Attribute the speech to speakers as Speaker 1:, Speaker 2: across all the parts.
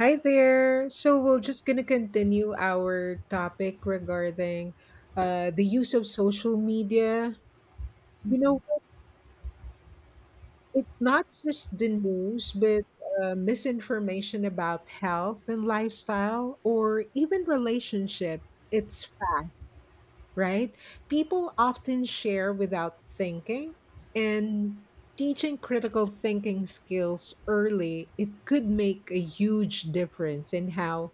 Speaker 1: Hi there. So we're just going to continue our topic regarding the use of social media. You know, it's not just the news, but misinformation about health and lifestyle or even relationship. It's fact. Right? People often share without thinking, and teaching critical thinking skills early, it could make a huge difference in how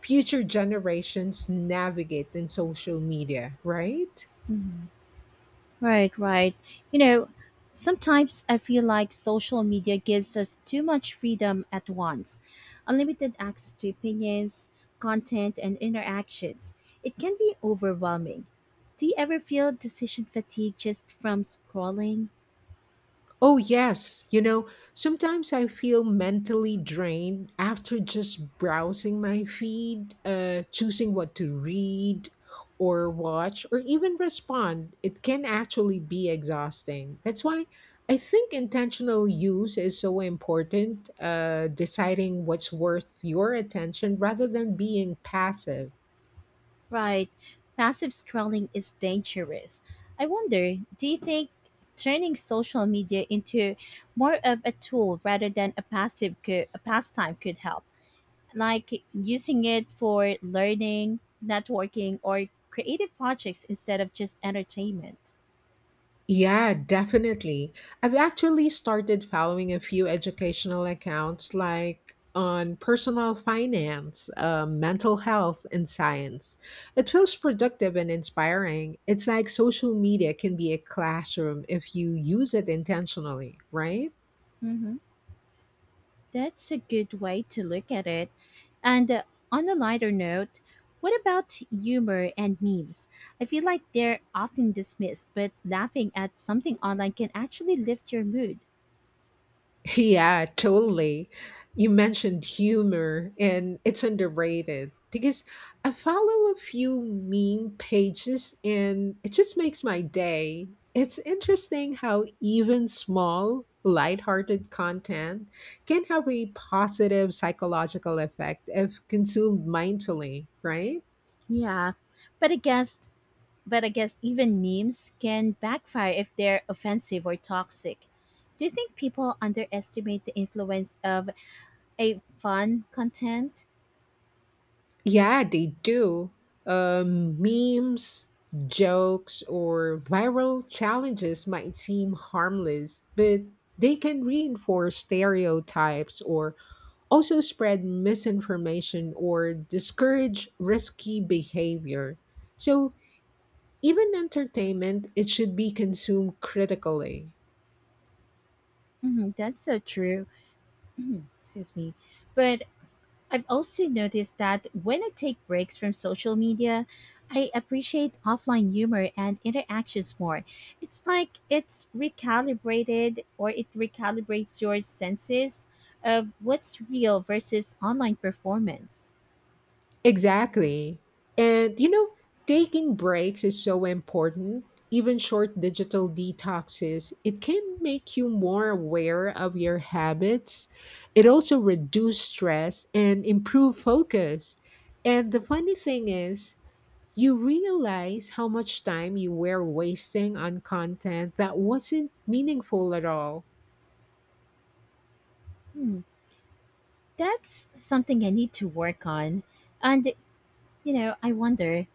Speaker 1: future generations navigate in social media, right?
Speaker 2: Mhm. Right, right. You know, sometimes I feel like social media gives us too much freedom at once. Unlimited access to opinions, content, and interactions. It can be overwhelming. Do you ever feel decision fatigue just from scrolling?
Speaker 1: Oh, yes. You know, sometimes I feel mentally drained after just browsing my feed, choosing what to read or watch or even respond. It can actually be exhausting. That's why I think intentional use is so important, deciding what's worth your attention rather than being passive.
Speaker 2: Right. Passive scrolling is dangerous. I wonder, do you think turning social media into more of a tool rather than a pastime could help? Like using it for learning, networking, or creative projects instead of just entertainment.
Speaker 1: Yeah, definitely. I've actually started following a few educational accounts like on personal finance, mental health, and science. It feels productive and inspiring. It's like social media can be a classroom if you use it intentionally, right?
Speaker 2: Hmm. That's a good way to look at it. And on a lighter note, what about humor and memes? I feel like they're often dismissed, but laughing at something online can actually lift your mood.
Speaker 1: Yeah, totally. You mentioned humor, and it's underrated because I follow a few meme pages and it just makes my day. It's interesting how even small, lighthearted content can have a positive psychological effect if consumed mindfully, right?
Speaker 2: Yeah. But I guess but I guess even memes can backfire if they're offensive or toxic. Do you think people underestimate the influence of a fun content?
Speaker 1: Yeah, they do. Memes, jokes, or viral challenges might seem harmless, but they can reinforce stereotypes or also spread misinformation or discourage risky behavior. So, even entertainment, it should be consumed critically.
Speaker 2: Hmm, that's so true. Mhm. Excuse me. But I've also noticed that when I take breaks from social media, I appreciate offline humor and interactions more. It's like it's recalibrated or it recalibrates your senses of what's real versus online performance.
Speaker 1: Exactly. And you know, taking breaks is so important. Even short digital detoxes, it can make you more aware of your habits. It also reduce stress and improve focus. And the funny thing is, you realize how much time you were wasting on content that wasn't meaningful at all.
Speaker 2: Hmm, that's something I need to work on. And I wonder,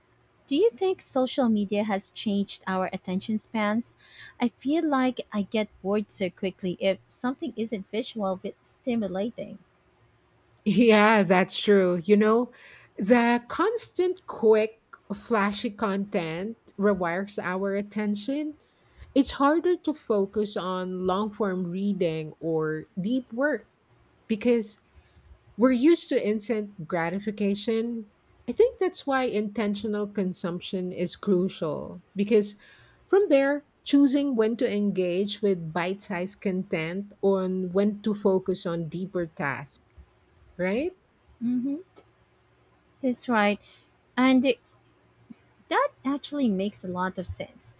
Speaker 2: do you think social media has changed our attention spans? I feel like I get bored so quickly if something isn't visual but stimulating.
Speaker 1: Yeah, that's true. You know, the constant, quick, flashy content rewires our attention. It's harder to focus on long form reading or deep work because we're used to instant gratification. I think that's why intentional consumption is crucial because from there, choosing when to engage with bite sized content or when to focus on deeper tasks, right?
Speaker 2: Mm-hmm. That's right. And that actually makes a lot of sense.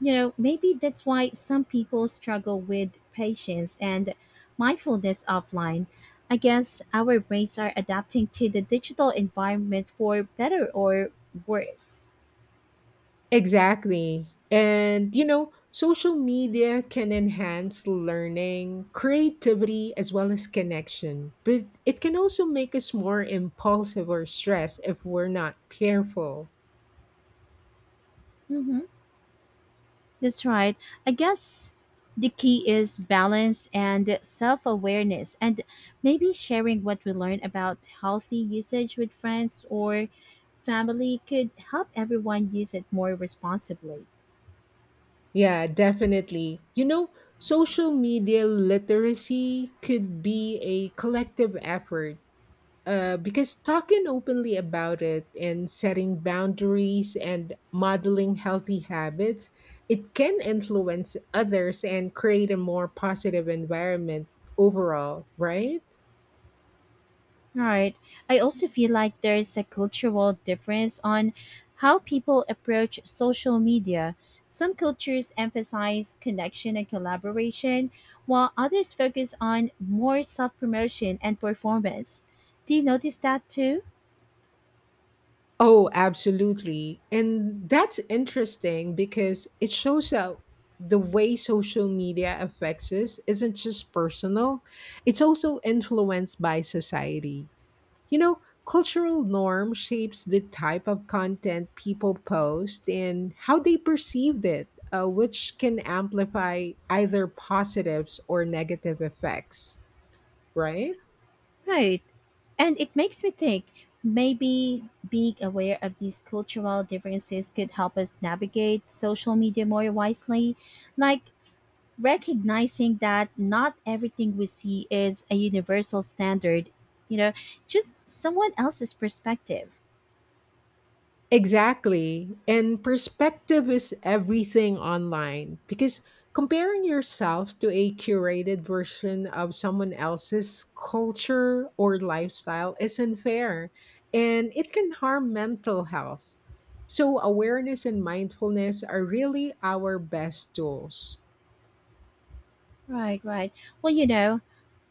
Speaker 2: You know, maybe that's why some people struggle with patience and mindfulness offline. I guess our brains are adapting to the digital environment for better or worse.
Speaker 1: Exactly. And, you know, social media can enhance learning, creativity, as well as connection, but it can also make us more impulsive or stressed if we're not careful.
Speaker 2: Mhm. That's right. I guess the key is balance and self awareness, and maybe sharing what we learn about healthy usage with friends or family could help everyone use it more responsibly.
Speaker 1: Yeah, definitely. You know, social media literacy could be a collective effort. Because talking openly about it and setting boundaries and modeling healthy habits, it can influence others and create a more positive environment overall, right?
Speaker 2: Right. I also feel like there's a cultural difference on how people approach social media. Some cultures emphasize connection and collaboration, while others focus on more self promotion and performance. Do you notice that too?
Speaker 1: Oh, absolutely. And that's interesting because it shows how the way social media affects us isn't just personal, it's also influenced by society. You know, cultural norm shapes the type of content people post and how they perceived it, which can amplify either positives or negative effects, right?
Speaker 2: Right. And it makes me think maybe being aware of these cultural differences could help us navigate social media more wisely. Like, recognizing that not everything we see is a universal standard, you know, just someone else's perspective.
Speaker 1: Exactly. And perspective is everything online because comparing yourself to a curated version of someone else's culture or lifestyle isn't fair and it can harm mental health. So, awareness and mindfulness are really our best tools.
Speaker 2: Right, right. Well,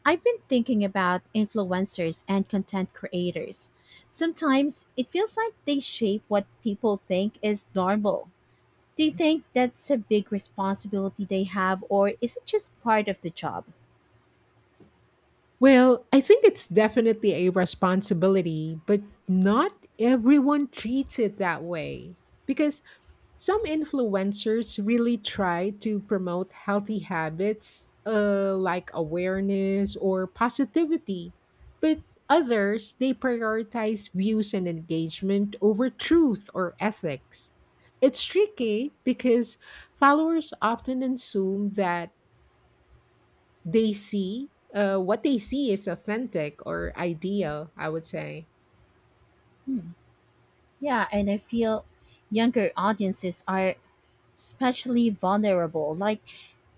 Speaker 2: I've been thinking about influencers and content creators. Sometimes it feels like they shape what people think is normal. Do you think that's a big responsibility they have, or is it just part of the job?
Speaker 1: Well, I think it's definitely a responsibility, but not everyone treats it that way because some influencers really try to promote healthy habits like awareness or positivity, but others they prioritize views and engagement over truth or ethics. It's tricky because followers often assume that they see what they see is authentic or ideal, I would say.
Speaker 2: Hmm. Yeah, and I feel younger audiences are especially vulnerable. Like,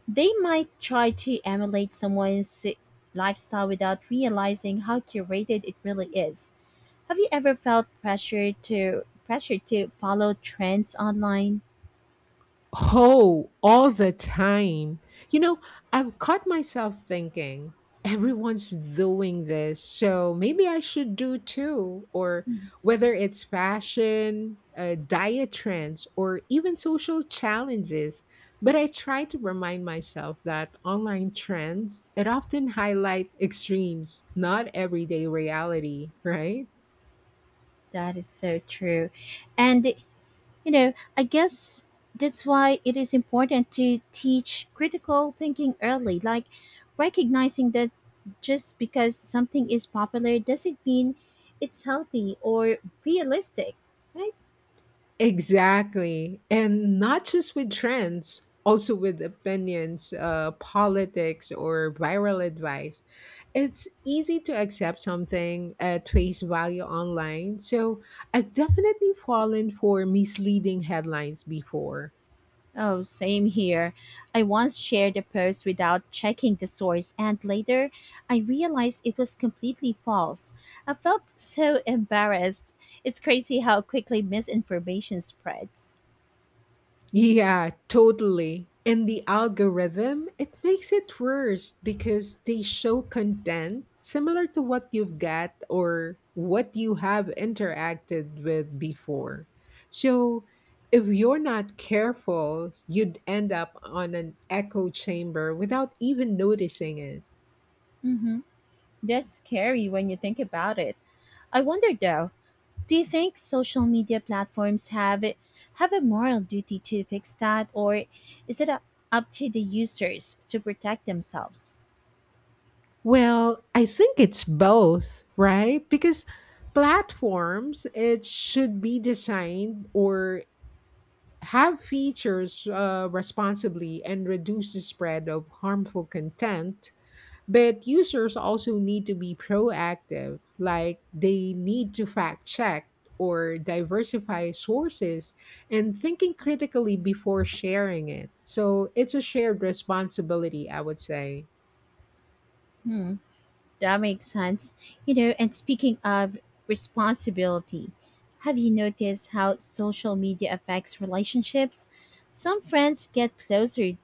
Speaker 2: they might try to emulate lifestyle without realizing how curated it really is. Have you ever felt pressure to follow trends online?
Speaker 1: Oh, all the time. You know, I've caught myself thinking, everyone's doing this, so maybe I should do too. Or whether it's fashion, diet trends, or even social challenges. But I try to remind myself that online trends, it often highlight extremes, not everyday reality, right?
Speaker 2: That is so true. And you know, I guess that's why it is important to teach critical thinking early, like recognizing that just because something is popular doesn't mean it's healthy or realistic, right?
Speaker 1: Exactly. And not just with trends, also with opinions, politics, or viral advice. It's easy to accept something at face value online. So I've definitely fallen for misleading headlines before.
Speaker 2: Oh, same here. I once shared a post without checking the source, and later I realized it was completely false. I felt so embarrassed. It's crazy how quickly misinformation spreads.
Speaker 1: Yeah, totally. And the algorithm, it makes it worse because they show content similar to what you've got or what you have interacted with before. So if you're not careful, you'd end up on an echo chamber without even noticing it.
Speaker 2: Mm-hmm. That's scary when you think about it. I wonder though, do you think social media platforms have a moral duty to fix that, or is it up to the users to protect themselves?
Speaker 1: Well, I think it's both, right? Because platforms it should be designed or have features responsibly and reduce the spread of harmful content. But users also need to be proactive, like they need to fact check or diversify sources and thinking critically before sharing it. So it's a shared responsibility, I would say.
Speaker 2: Hmm. That makes sense. You know, and speaking of responsibility, have you noticed how social media affects relationships? Some friends get closer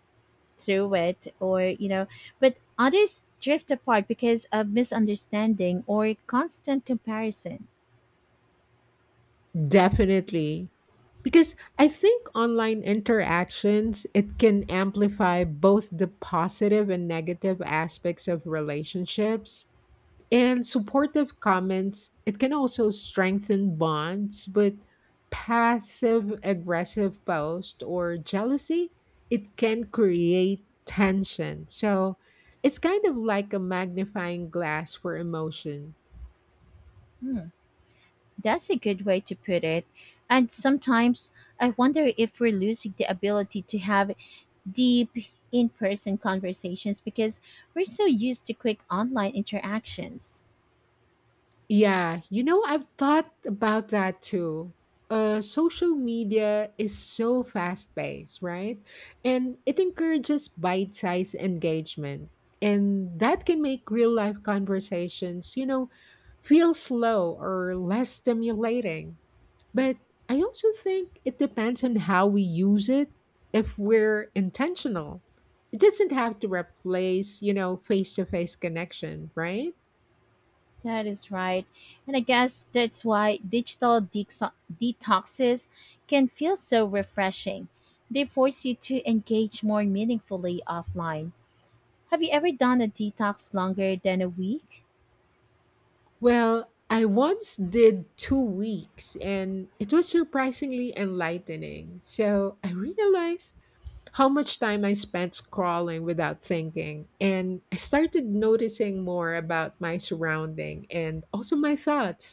Speaker 2: through it, or but others drift apart because of misunderstanding or constant comparison.
Speaker 1: Definitely. Because I think online interactions it can amplify both the positive and negative aspects of relationships. And supportive comments, it can also strengthen bonds, but passive aggressive post or jealousy, it can create tension. So it's kind of like a magnifying glass for emotion.
Speaker 2: Hmm, that's a good way to put it. And sometimes I wonder if we're losing the ability to have deep in person conversations because we're so used to quick online interactions.
Speaker 1: Yeah, you know, I've thought about that too. Social media is so fast paced, right? And it encourages bite sized engagement. And that can make real life conversations, you know, feel slow or less stimulating. But I also think it depends on how we use it if we're intentional. It doesn't have to replace, you know, face to face connection, right?
Speaker 2: That is right. And I guess that's why detoxes can feel so refreshing. They force you to engage more meaningfully offline. Have you ever done a detox longer than a week?
Speaker 1: Well, I once did 2 weeks and it was surprisingly enlightening. So I realized how much time I spent scrolling without thinking. And I started noticing more about my surrounding and also my thoughts.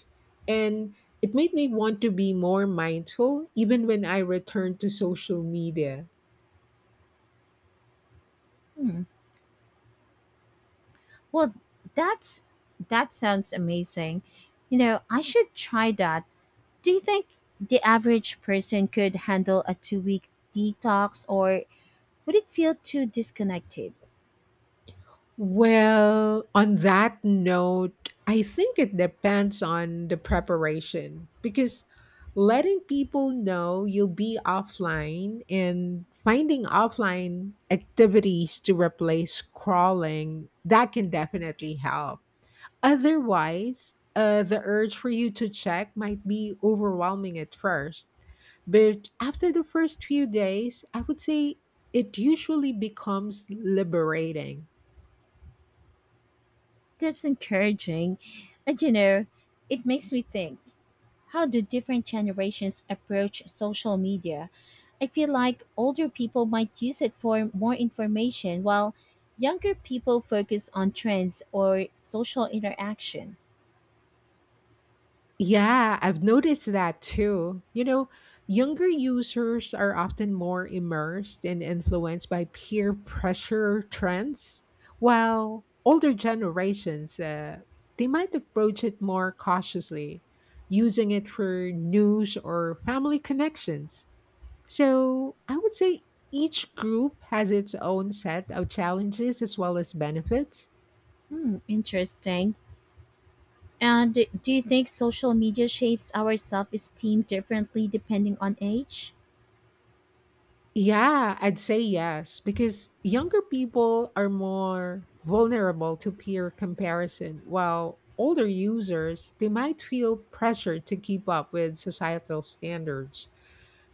Speaker 1: And it made me want to be more mindful even when I returned to social media.
Speaker 2: Hmm. Well, that's that sounds amazing. You know, I should try that. Do you think the average person could handle a 2 week detox or would it feel too disconnected?
Speaker 1: Well, on that note, I think it depends on the preparation because letting people know you'll be offline and finding offline activities to replace crawling, that can definitely help. Otherwise, the urge for you to check might be overwhelming at first. But after the first few days, I would say it usually becomes liberating.
Speaker 2: That's encouraging. And you know, it makes me think, how do different generations approach social media? I feel like older people might use it for more information while younger people focus on trends or social interaction.
Speaker 1: Yeah, I've noticed that too. You know, younger users are often more immersed and influenced by peer pressure trends, while older generations, they might approach it more cautiously, using it for news or family connections. So I would say each group has its own set of challenges as well as benefits.
Speaker 2: Hmm, interesting. And do you think social media shapes our self esteem differently depending on age?
Speaker 1: Yeah, I'd say yes, because younger people are more vulnerable to peer comparison, while older users, they might feel pressure to keep up with societal standards.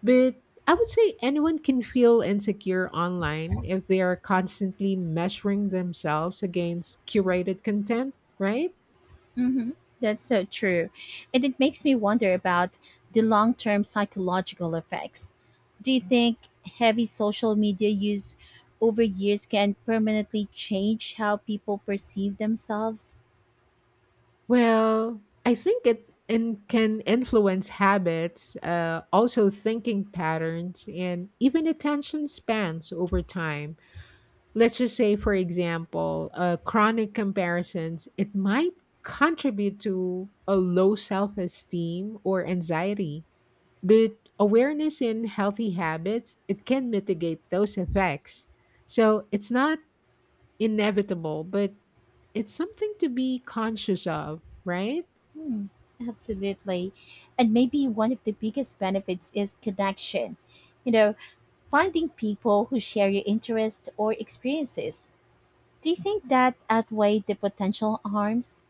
Speaker 1: But I would say anyone can feel insecure online if they are constantly measuring themselves against curated content, right?
Speaker 2: Hmm, that's so true. And it makes me wonder about the long term psychological effects. Do you think heavy social media use over years can permanently change how people perceive themselves?
Speaker 1: Well, I think it in, can influence habits, also thinking patterns, and even attention spans over time. Let's just say, for example, chronic comparisons, it might contribute to a low self esteem or anxiety, but awareness in healthy habits, it can mitigate those effects. So it's not inevitable, but it's something to be conscious of, right?
Speaker 2: Hmm, absolutely. And maybe one of the biggest benefits is connection. You know, finding people who share your interests or experiences. Do you think that outweighed the potential harms?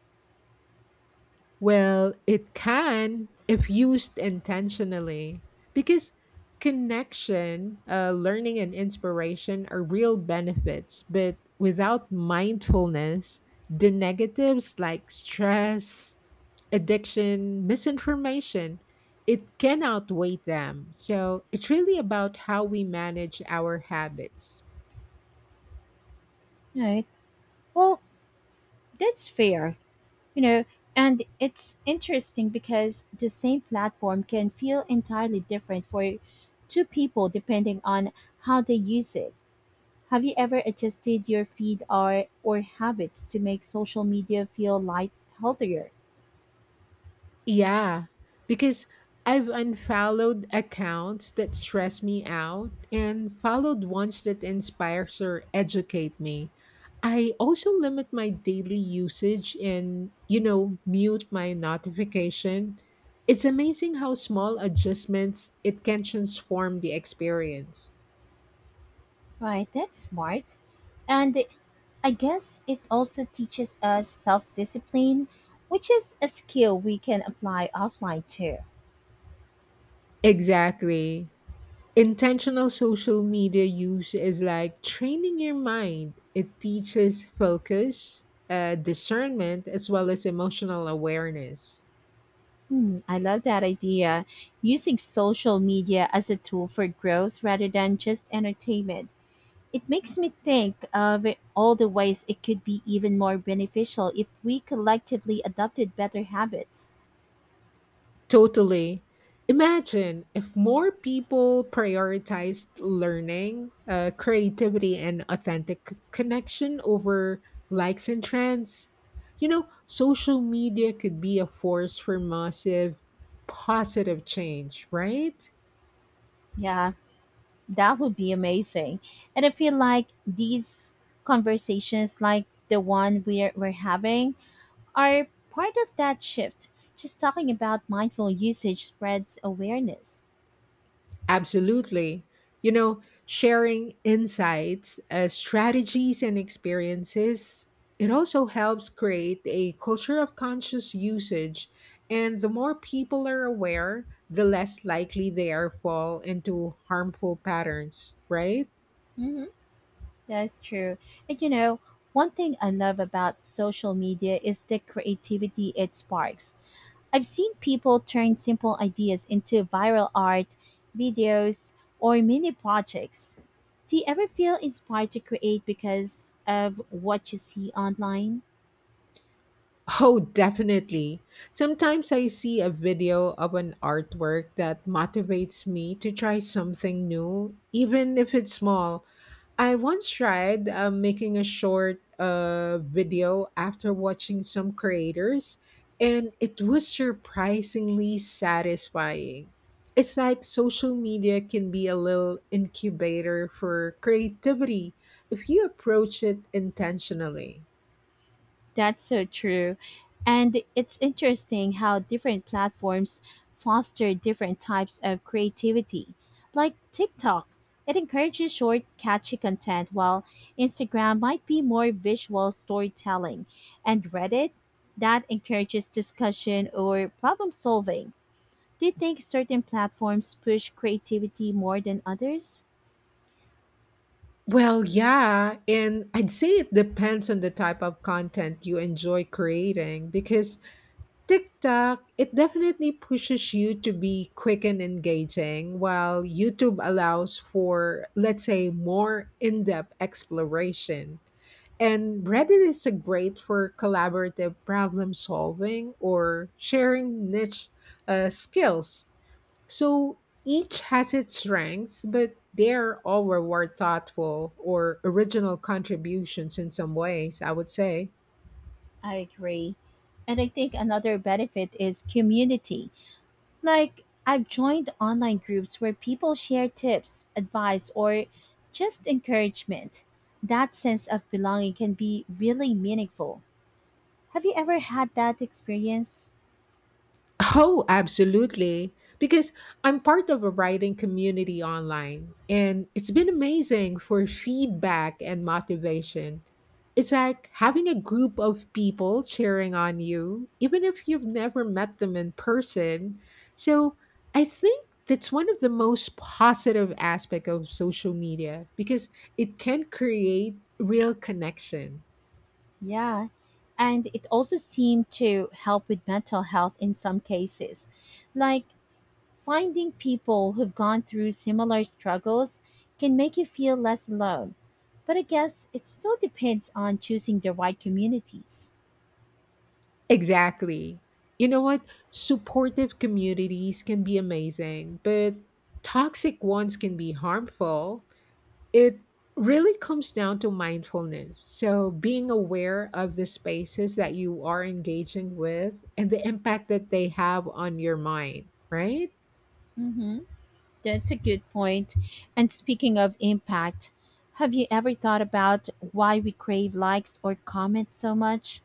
Speaker 1: Well, it can if used intentionally, because connection, learning, and inspiration are real benefits. But without mindfulness, the negatives like stress, addiction, misinformation, it can outweigh them. So it's really about how we manage our habits.
Speaker 2: Right. Well, that's fair. You know, and it's interesting because the same platform can feel entirely different for two people depending on how they use it. Have you ever adjusted your feed or habits to make social media feel light, healthier?
Speaker 1: Yeah, because I've unfollowed accounts that stress me out and followed ones that inspires or educate me. I also limit my daily usage and, you know, mute my notification. It's amazing how small adjustments it can transform the experience.
Speaker 2: Right, that's smart. And I guess it also teaches us self discipline, which is a skill we can apply offline too.
Speaker 1: Exactly. Intentional social media use is like training your mind. It teaches focus, discernment, as well as emotional awareness.
Speaker 2: Hmm, I love that idea. Using social media as a tool for growth rather than just entertainment. It makes me think of all the ways it could be even more beneficial if we collectively adopted better habits.
Speaker 1: Totally. Imagine if more people prioritized learning, creativity, and authentic connection over likes and trends. You know, social media could be a force for massive positive change, right?
Speaker 2: Yeah, that would be amazing. And I feel like these conversations, like the one we're having, are part of that shift. Just talking about mindful usage spreads awareness.
Speaker 1: Absolutely. You know, sharing insights, strategies, and experiences, it also helps create a culture of conscious usage. And the more people are aware, the less likely they are fall into harmful patterns, right?
Speaker 2: Hmm. That's true. And you know, one thing I love about social media is the creativity it sparks. I've seen people turn simple ideas into viral art, videos, or mini projects. Do you ever feel inspired to create because of what you see online?
Speaker 1: Oh, definitely. Sometimes I see a video of an artwork that motivates me to try something new, even if it's small. I once tried making a short video after watching some creators, and it was surprisingly satisfying. It's like social media can be a little incubator for creativity if you approach it intentionally.
Speaker 2: That's so true. And it's interesting how different platforms foster different types of creativity. Like TikTok, it encourages short, catchy content, while Instagram might be more visual storytelling. And Reddit, that encourages discussion or problem solving. Do you think certain platforms push creativity more than others?
Speaker 1: Well, yeah, and I'd say it depends on the type of content you enjoy creating because TikTok, it definitely pushes you to be quick and engaging, while YouTube allows for, let's say, more in depth exploration. And Reddit is a great for collaborative problem solving or sharing niche skills. So each has its strengths, but they're all reward thoughtful or original contributions in some ways, I would say.
Speaker 2: I agree. And I think another benefit is community. Like, I've joined online groups where people share tips, advice, or just encouragement. That sense of belonging can be really meaningful. Have you ever had that experience?
Speaker 1: Oh, absolutely. Because I'm part of a writing community online, and it's been amazing for feedback and motivation. It's like having a group of people cheering on you, even if you've never met them in person. So I think that's one of the most positive aspect of social media because it can create real connection.
Speaker 2: Yeah. And it also seemed to help with mental health in some cases. Like, finding people who've gone through similar struggles can make you feel less alone. But I guess it still depends on choosing the right communities.
Speaker 1: Exactly. You know what? Supportive communities can be amazing, but toxic ones can be harmful. It really comes down to mindfulness. So, being aware of the spaces that you are engaging with and the impact that they have on your mind, right?
Speaker 2: Mm hmm. That's a good point. And speaking of impact, have you ever thought about why we crave likes or comments so much?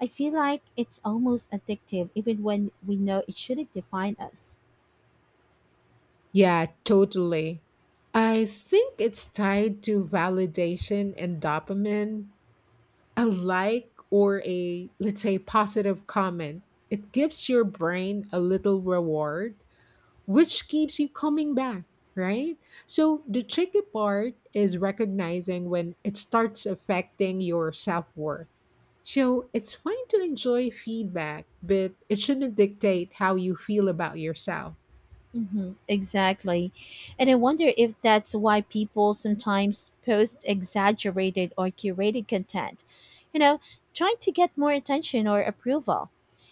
Speaker 2: I feel like it's almost addictive, even when we know it shouldn't define us.
Speaker 1: Yeah, totally. I think it's tied to validation and dopamine. A like or a, let's say, positive comment, it gives your brain a little reward which keeps you coming back, right? So the tricky part is recognizing when it starts affecting your self worth. So it's fine to enjoy feedback, but it shouldn't dictate how you feel about yourself.
Speaker 2: Mm-hmm, exactly. And I wonder if that's why people sometimes post exaggerated or curated content, you know, trying to get more attention or approval.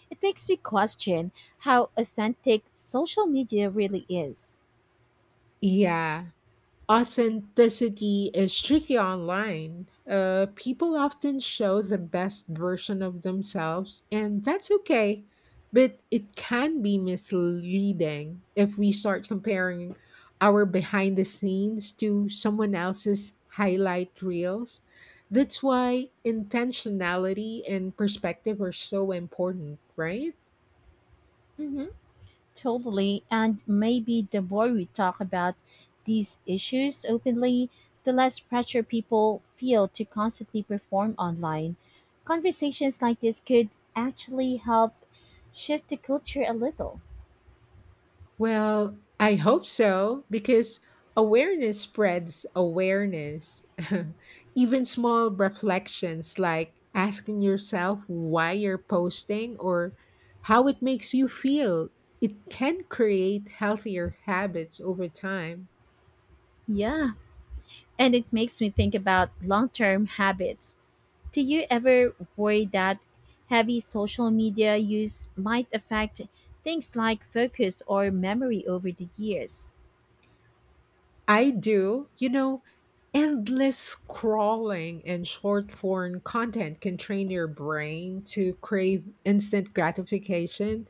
Speaker 2: It makes me question how authentic social media really is.
Speaker 1: Yeah. Authenticity is tricky online. People often show the best version of themselves, and that's okay. But it can be misleading if we start comparing our behind the scenes to someone else's highlight reels. That's why intentionality and perspective are so important, right?
Speaker 2: Mhm. Totally. And maybe the more we talk about these issues openly, the less pressure people feel to constantly perform online. Conversations like this could actually help shift the culture a little.
Speaker 1: Well, I hope so because awareness spreads awareness. Even small reflections like asking yourself why you're posting or how it makes you feel, it can create healthier habits over time.
Speaker 2: Yeah, and it makes me think about long term habits. Do you ever worry that heavy social media use might affect things like focus or memory over the years?
Speaker 1: I do, you know, endless scrolling and short form content can train your brain to crave instant gratification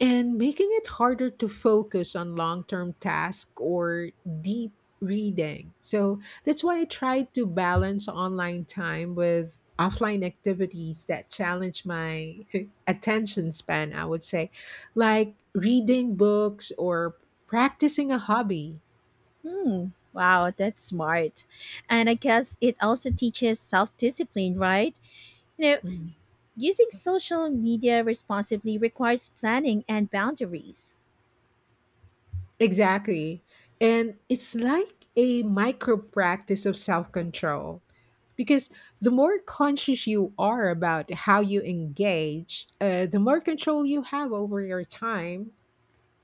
Speaker 1: and making it harder to focus on long term tasks or deep reading. So that's why I try to balance online time with offline activities that challenge my attention span, I would say, like reading books or practicing a hobby.
Speaker 2: Hmm. Wow, that's smart. And I guess it also teaches self discipline, right? You know,
Speaker 1: Mm.
Speaker 2: using social media responsibly requires planning and boundaries.
Speaker 1: Exactly. And it's like a micro practice of self control because the more conscious you are about how you engage, the more control you have over your time,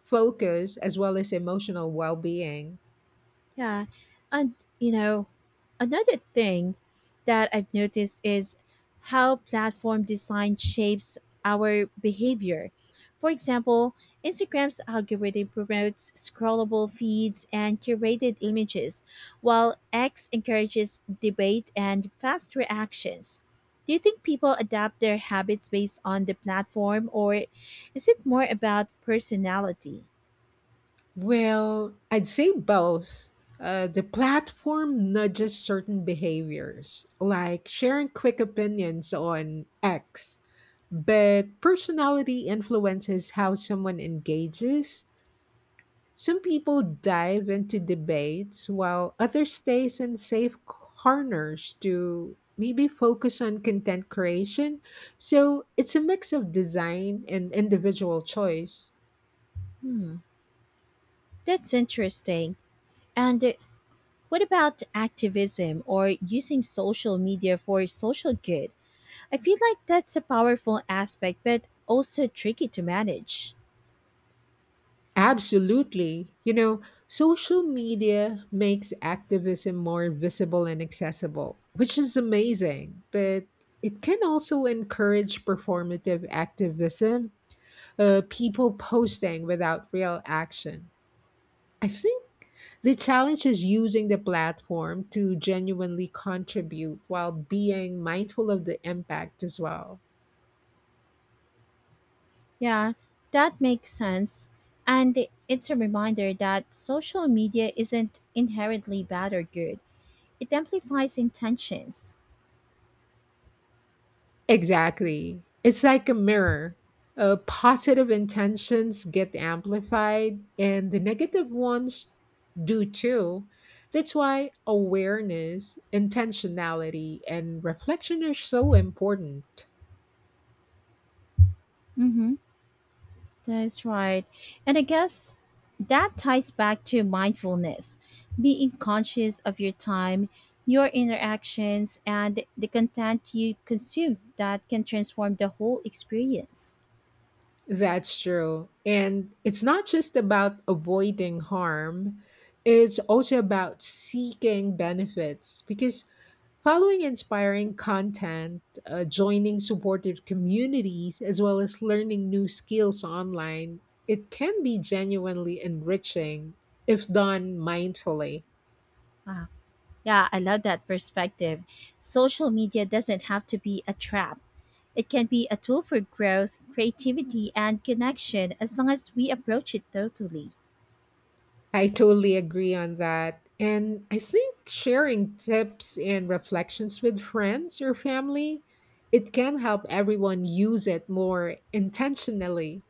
Speaker 1: focus, as well as emotional well being.
Speaker 2: Yeah. And another thing that I've noticed is how platform design shapes our behavior. For example, Instagram's algorithm promotes scrollable feeds and curated images, while X encourages debate and fast reactions. Do you think people adapt their habits based on the platform, or is it more about personality?
Speaker 1: Well, I'd say both. The platform nudges certain behaviors, like sharing quick opinions on X, but personality influences how someone engages. Some people dive into debates while others stay in safe corners to maybe focus on content creation. So it's a mix of design and individual choice.
Speaker 2: Hmm. That's interesting. And what about activism or using social media for social good? I feel like that's a powerful aspect, but also tricky to manage.
Speaker 1: Absolutely. You know, social media makes activism more visible and accessible, which is amazing, but it can also encourage performative activism, people posting without real action. I think the challenge is using the platform to genuinely contribute while being mindful of the impact as well.
Speaker 2: Yeah, that makes sense. And it's a reminder that social media isn't inherently bad or good, it amplifies intentions.
Speaker 1: Exactly. It's like a mirror. Positive intentions get amplified, and the negative ones do too. That's why awareness, intentionality, and reflection are so important.
Speaker 2: Mm hmm. That's right. And I guess that ties back to mindfulness, being conscious of your time, your interactions, and the content you consume that can transform the whole experience.
Speaker 1: That's true. And it's not just about avoiding harm, it's also about seeking benefits because following inspiring content, joining supportive communities, as well as learning new skills online, it can be genuinely enriching if done mindfully.
Speaker 2: Wow. Yeah, I love that perspective. Social media doesn't have to be a trap. It can be a tool for growth, creativity, and connection as long as we approach it totally.
Speaker 1: I totally agree on that. And I think sharing tips and reflections with friends or family, it can help everyone use it more intentionally.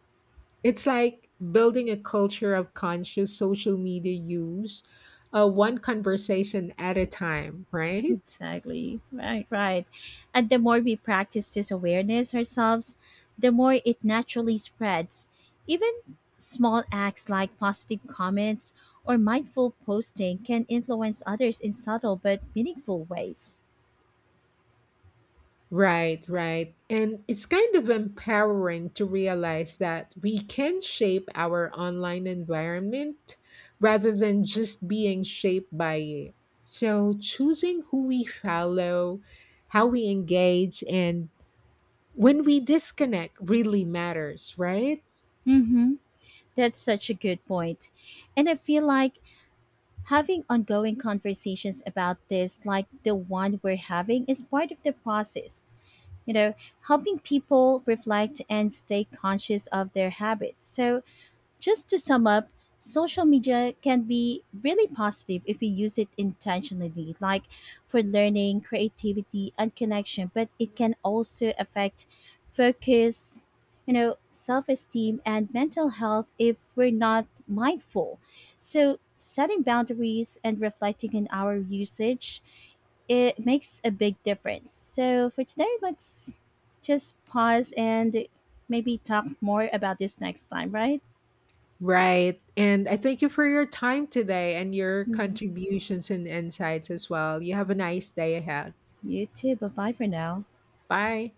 Speaker 1: It's like building a culture of conscious social media use, one conversation at a time, right?
Speaker 2: Exactly. Right, right. And the more we practice this awareness ourselves, the more it naturally spreads. Even small acts like positive comments or mindful posting can influence others in subtle but meaningful ways.
Speaker 1: Right, right. And it's kind of empowering to realize that we can shape our online environment rather than just being shaped by it. So, choosing who we follow, how we engage, and when we disconnect really matters, right?
Speaker 2: Mm-hmm. That's such a good point. And I feel like having ongoing conversations about this, like the one we're having, is part of the process you know, helping people reflect and stay conscious of their habits. So just to sum up, social media can be really positive if we use it intentionally, like for learning, creativity, and connection, but it can also affect focus, self esteem, and mental health if we're not mindful. So, setting boundaries and reflecting on our usage, it makes a big difference. So for today, let's just pause and maybe talk more about this next time, right?
Speaker 1: Right. And I thank you for your time today and your
Speaker 2: Mhm.
Speaker 1: contributions and insights as well. You have a nice day ahead.
Speaker 2: You too. Bye bye for now.
Speaker 1: Bye.